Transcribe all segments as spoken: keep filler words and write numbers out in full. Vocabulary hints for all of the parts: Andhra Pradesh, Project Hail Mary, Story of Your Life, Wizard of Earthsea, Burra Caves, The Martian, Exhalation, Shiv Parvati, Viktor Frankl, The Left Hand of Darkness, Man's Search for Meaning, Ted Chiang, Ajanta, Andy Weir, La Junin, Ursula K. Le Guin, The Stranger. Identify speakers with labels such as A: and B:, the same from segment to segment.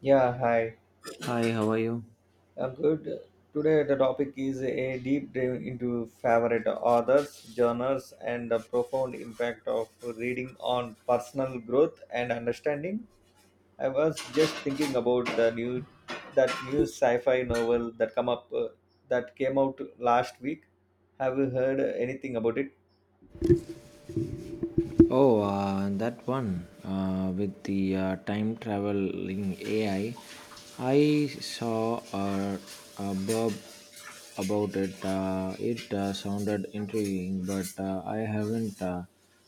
A: Yeah, hi.
B: Hi, how are you?
A: I'm good. Today the topic is a deep dive into favorite authors, genres, and the profound impact of reading on personal growth and understanding. I was just thinking about the new that new sci-fi novel that come up uh, that came out last week. Have you heard anything about it?
B: Oh, uh, that one uh, with the uh, time traveling A I. I I saw a, a blurb about it. Uh, it uh, sounded intriguing, but uh, I haven't uh,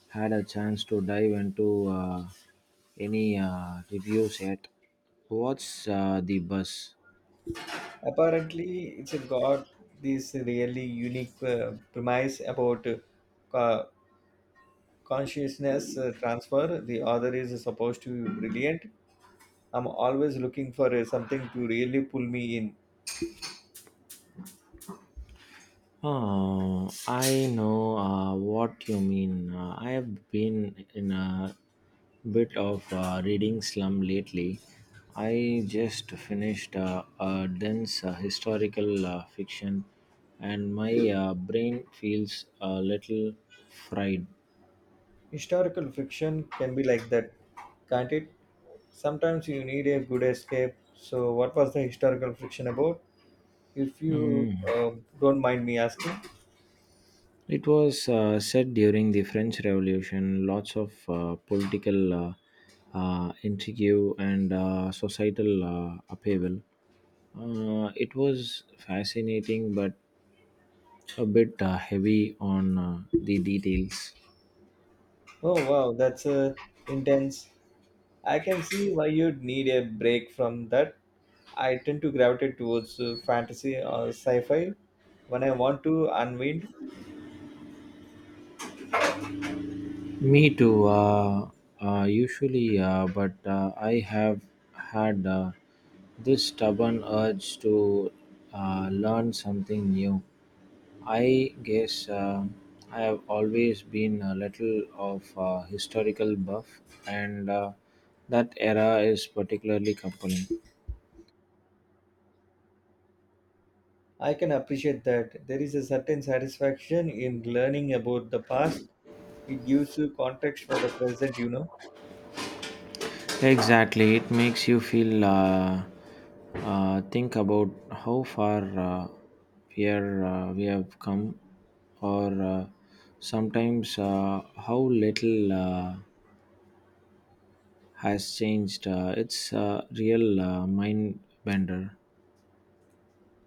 B: had a chance to dive into uh, any uh, reviews yet. What's uh, the buzz?
A: Apparently, it's got this really unique uh, premise about uh, consciousness uh, transfer. The author is supposed to be brilliant. I'm always looking for uh, something to really pull me in.
B: Oh, I know uh, what you mean. Uh, I have been in a bit of uh, reading slum lately. I just finished uh, a dense uh, historical uh, fiction, and my uh, brain feels a little fried.
A: Historical fiction can be like that, can't it? Sometimes you need a good escape. So, what was the historical fiction about? If you
B: Hmm.
A: uh, don't mind me asking.
B: It was uh, said during the French Revolution, lots of uh, political uh, uh, intrigue and uh, societal uh, upheaval. Uh, it was fascinating but a bit uh, heavy on uh, the details.
A: Oh, wow, that's uh, intense. I can see why you'd need a break from that. I tend to gravitate towards uh, fantasy or sci fi when I want to unwind.
B: Me too. Uh, uh, usually, uh, but uh, I have had uh, this stubborn urge to uh, learn something new. I guess uh, I have always been a little of a historical buff, and uh, that era is particularly compelling.
A: I can appreciate that. There is a certain satisfaction in learning about the past. It gives you context for the present, you know.
B: Exactly, it makes you feel. Uh, uh, think about how far uh, we are, uh, we have come, or uh, sometimes uh, how little uh, has changed. Uh, it's a real uh, mind bender.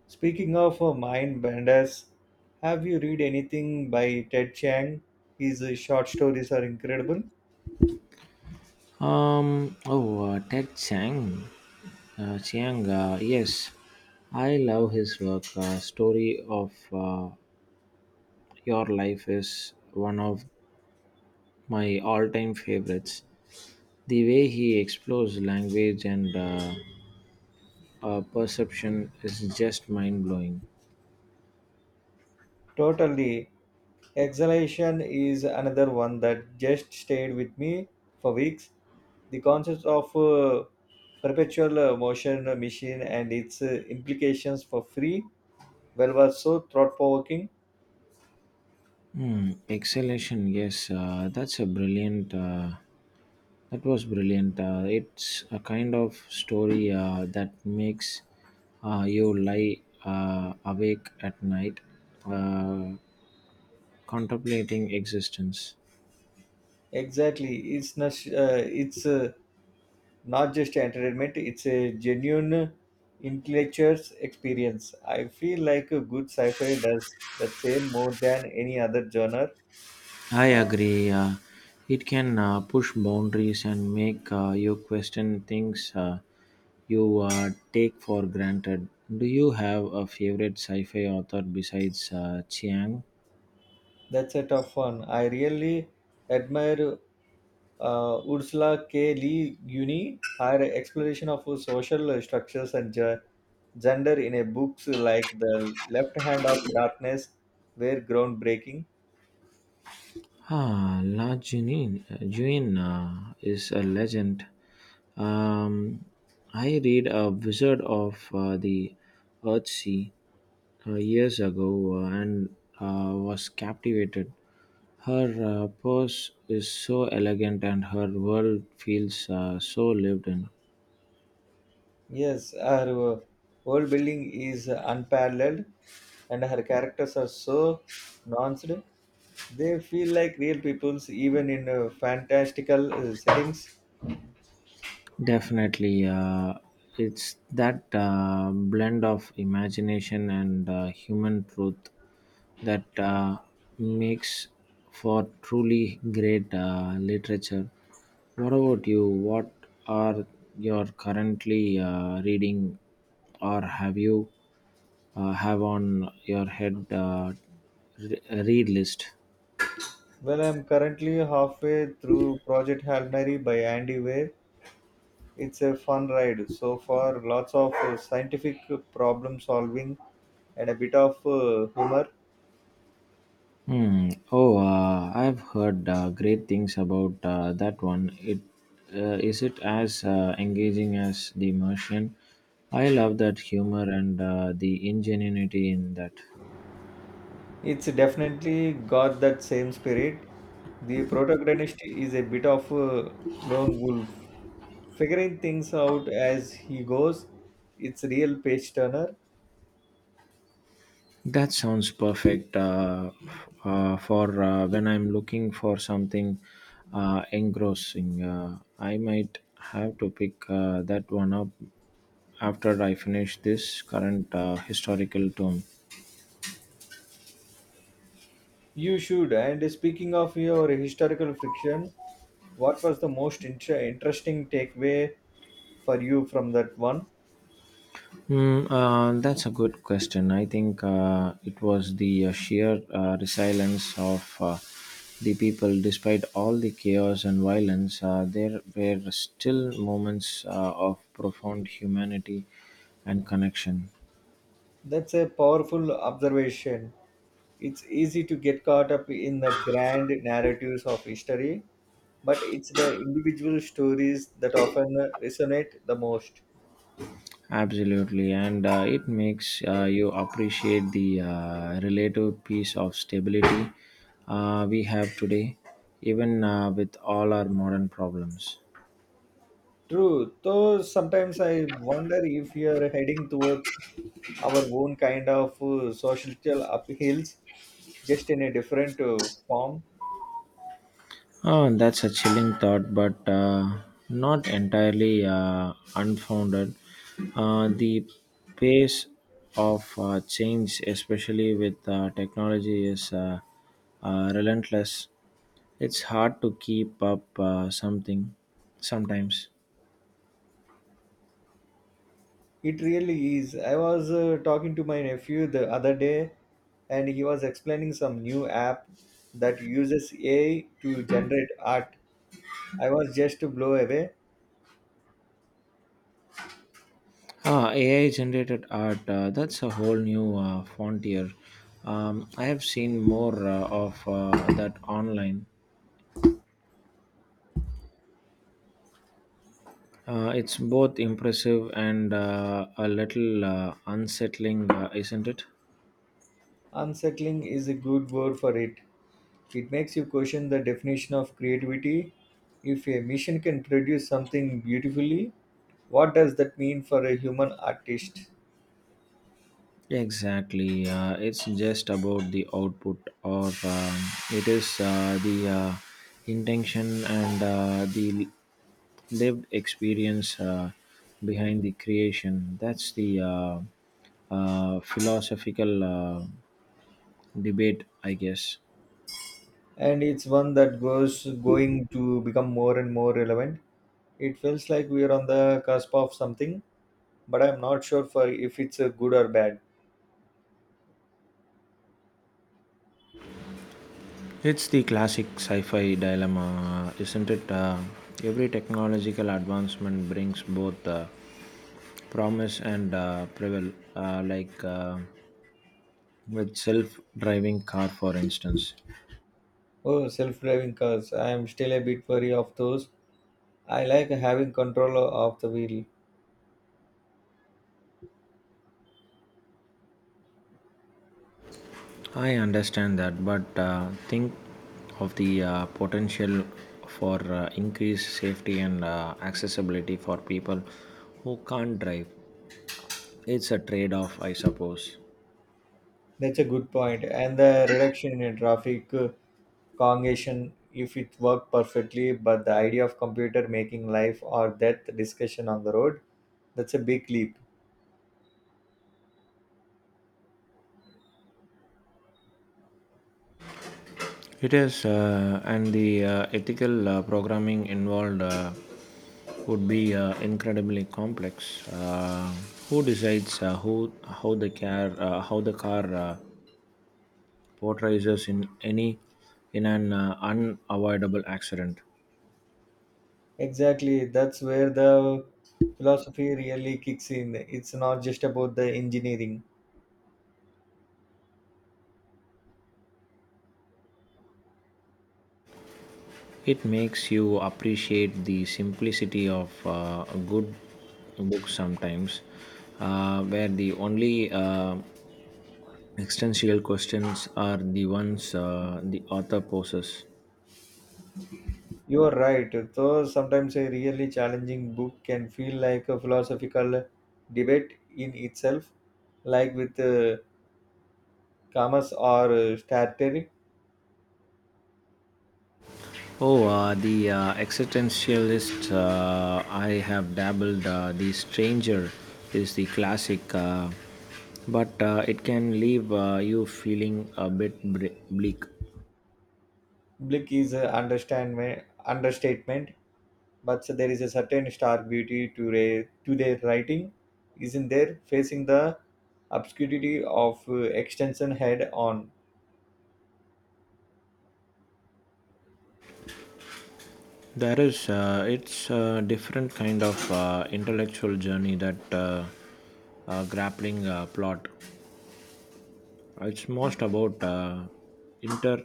A: Speaking of uh, mind benders, have you read anything by Ted Chiang? His uh, short stories are incredible.
B: Um. Oh, uh, Ted Chiang. Uh, Chiang. Uh, yes, I love his work. Uh, Story of uh, Your Life is one of my all-time favorites. The way he explores language and uh, uh, perception is just mind blowing.
A: Totally. Exhalation is another one that just stayed with me for weeks. The concept of uh, perpetual uh, motion machine and its uh, implications for free well was so thought provoking.
B: Hmm, exhalation, yes, uh, that's a brilliant. Uh, that was brilliant. Uh, it's a kind of story uh, that makes uh, you lie uh, awake at night, uh, contemplating existence.
A: Exactly. It's not. Uh, it's uh, not just entertainment. It's a genuine intellectual experience. I feel like a good sci-fi does that same more than any other genre.
B: I agree. Uh, it can uh, push boundaries and make uh, you question things uh, you uh, take for granted. Do you have a favorite sci-fi author besides uh, Chiang?
A: That's a tough one. I really admire uh, Ursula K. Le Guin. Her exploration of social structures and ge- gender in a books like The Left Hand of Darkness were groundbreaking.
B: Ah, La Junin. Juin uh, is a legend. Um, I read a Wizard of uh, the Earthsea uh, years ago uh, and uh, was captivated. Her uh, pose is so elegant and her world feels uh, so lived in.
A: Yes, her uh, whole building is unparalleled, and her characters are so nuanced. They feel like real peoples, even in uh, fantastical uh, settings.
B: Definitely, uh, it's that uh, blend of imagination and uh, human truth that uh, makes for truly great uh, literature. What about you? What are you currently uh, reading, or have you uh, have on your head uh, re- read list?
A: Well, I'm currently halfway through Project Hail Mary by Andy Weir. It's a fun ride so far. Lots of uh, scientific problem solving and a bit of uh, humor.
B: Hmm. Oh, uh, I've heard uh, great things about uh, that one. It uh, Is it as uh, engaging as The Martian? I love that humor and uh, the ingenuity in that.
A: It's definitely got that same spirit. The protagonist is a bit of a lone wolf, figuring things out as he goes. It's real page turner.
B: That sounds perfect uh, uh, for uh, when I'm looking for something uh, engrossing. Uh, I might have to pick uh, that one up after I finish this current uh, historical tome.
A: You should. And speaking of your historical friction, what was the most inter- interesting takeaway for you from that one?
B: Hmm, uh, that's a good question. I think uh, it was the uh, sheer uh, resilience of uh, the people, despite all the chaos and violence. Uh, there were still moments uh, of profound humanity and connection.
A: That's a powerful observation. It's easy to get caught up in the grand narratives of history, but it's the individual stories that often resonate the most.
B: Absolutely, and uh, it makes uh, you appreciate the uh, relative peace of stability uh, we have today, even uh, with all our modern problems.
A: True, though sometimes I wonder if we are heading towards our own kind of uh, social upheavals, just in a different uh, form.
B: Oh, that's a chilling thought, but uh, not entirely uh, unfounded. Uh, the pace of uh, change, especially with uh, technology, is uh, uh, relentless. It's hard to keep up uh, something sometimes.
A: It really is. I was uh, talking to my nephew the other day, and he was explaining some new app that uses A I to generate art. I was just blown away.
B: Ah, A I generated art, uh, that's a whole new uh, frontier. Um, I have seen more uh, of uh, that online. Uh, it's both impressive and uh, a little uh, unsettling, uh, isn't it?
A: Unsettling is a good word for it. It makes you question the definition of creativity. If a machine can produce something beautifully, what does that mean for a human artist?
B: Exactly. Uh, it's just about the output, or um, it is uh, the uh, intention and uh, the lived experience uh, behind the creation. That's the uh, uh, philosophical uh, debate, I guess.
A: And it's one that goes going to become more and more relevant. It feels like we are on the cusp of something, but I'm not sure for if it's a good or bad.
B: It's the classic sci fi dilemma, isn't it? Uh, every technological advancement brings both uh, promise and uh, peril, uh, like uh, with self driving car, for instance.
A: Oh, self-driving cars. I am still a bit wary of those. I like having control of the wheel.
B: I understand that, but uh, think of the uh, potential for uh, increased safety and uh, accessibility for people who can't drive. It's a trade off, I suppose.
A: That's a good point. And the reduction in traffic uh, congestion, if it worked perfectly, but the idea of computer making life or death discussion on the road, that's a big leap.
B: It is, uh, and the uh, ethical uh, programming involved uh, would be uh, incredibly complex. Uh, who decides uh, who how the car uh, how the car uh, portrays us in any in an uh, unavoidable accident?
A: Exactly. That's where the philosophy really kicks in. It's not just about the engineering.
B: It makes you appreciate the simplicity of uh, a good book sometimes, uh, where the only uh, existential questions are the ones uh, the author poses.
A: You are right. Though sometimes a really challenging book can feel like a philosophical debate in itself, like with uh, Kamas or uh, Starter.
B: Oh, uh, the uh, existentialist. Uh, I have dabbled. Uh, The Stranger is the classic, uh, but uh, it can leave uh, you feeling a bit bre- bleak.
A: Blick is an understandme- understatement, but so there is a certain stark beauty to, re- to their writing, isn't there? Facing the obscurity of uh, extension head on,
B: There is. Uh, it's a different kind of uh, intellectual journey that uh, uh, grappling uh, plot. It's most about uh, inter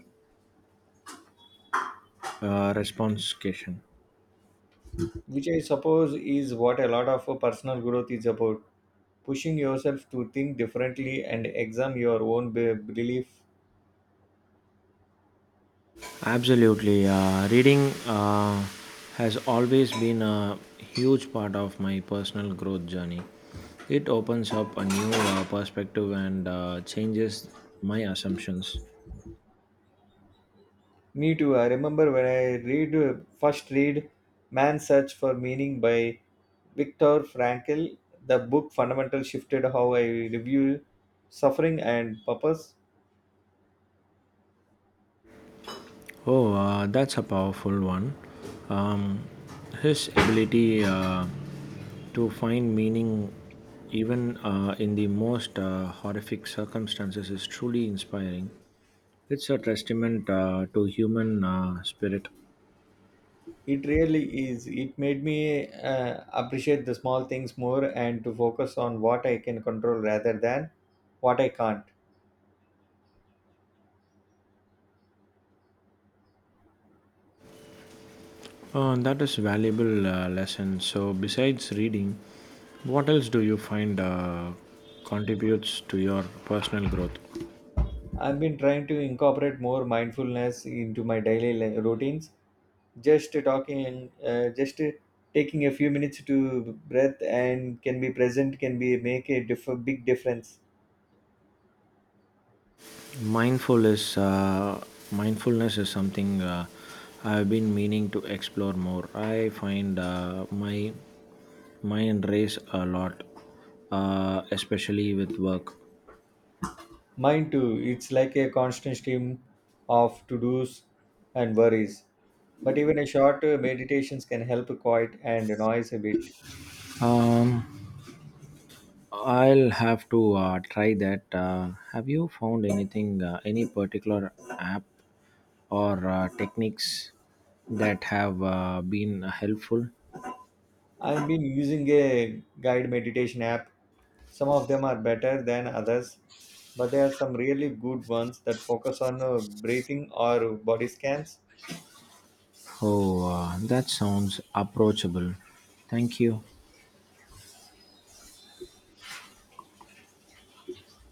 B: uh, responsification.
A: which I suppose is what a lot of uh, personal growth is about. Pushing yourself to think differently and examine your own be- belief.
B: Absolutely. Uh, reading uh, has always been a huge part of my personal growth journey. It opens up a new uh, perspective and uh, changes my assumptions.
A: Me too. I remember when I read uh, first read "Man's Search for Meaning" by Viktor Frankl, the book fundamentally shifted how I review suffering and purpose.
B: Oh, uh, that's a powerful one. Um, his ability uh, to find meaning even uh, in the most uh, horrific circumstances is truly inspiring. It's a testament uh, to human uh, spirit.
A: It really is. It made me uh, appreciate the small things more and to focus on what I can control rather than what I can't.
B: Uh, that is valuable uh, lesson. So besides reading, what else do you find uh, contributes to your personal growth?
A: I've been trying to incorporate more mindfulness into my daily li- routines. Just talking, uh, just taking a few minutes to breath and can be present can be make a diff- big difference.
B: Mindful is uh, Mindfulness is something uh, I've been meaning to explore more. I find uh, my mind race a lot, uh, especially with work.
A: Mine too. It's like a constant stream of to dos and worries. But even a short uh, meditations can help quiet and noise a bit.
B: Um, I'll have to uh, try that. Uh, have you found anything, uh, any particular app or uh, techniques that have uh, been helpful?
A: I've been using a guide meditation app. Some of them are better than others, but there are some really good ones that focus on uh, breathing or body scans.
B: Oh, uh, that sounds approachable. Thank you.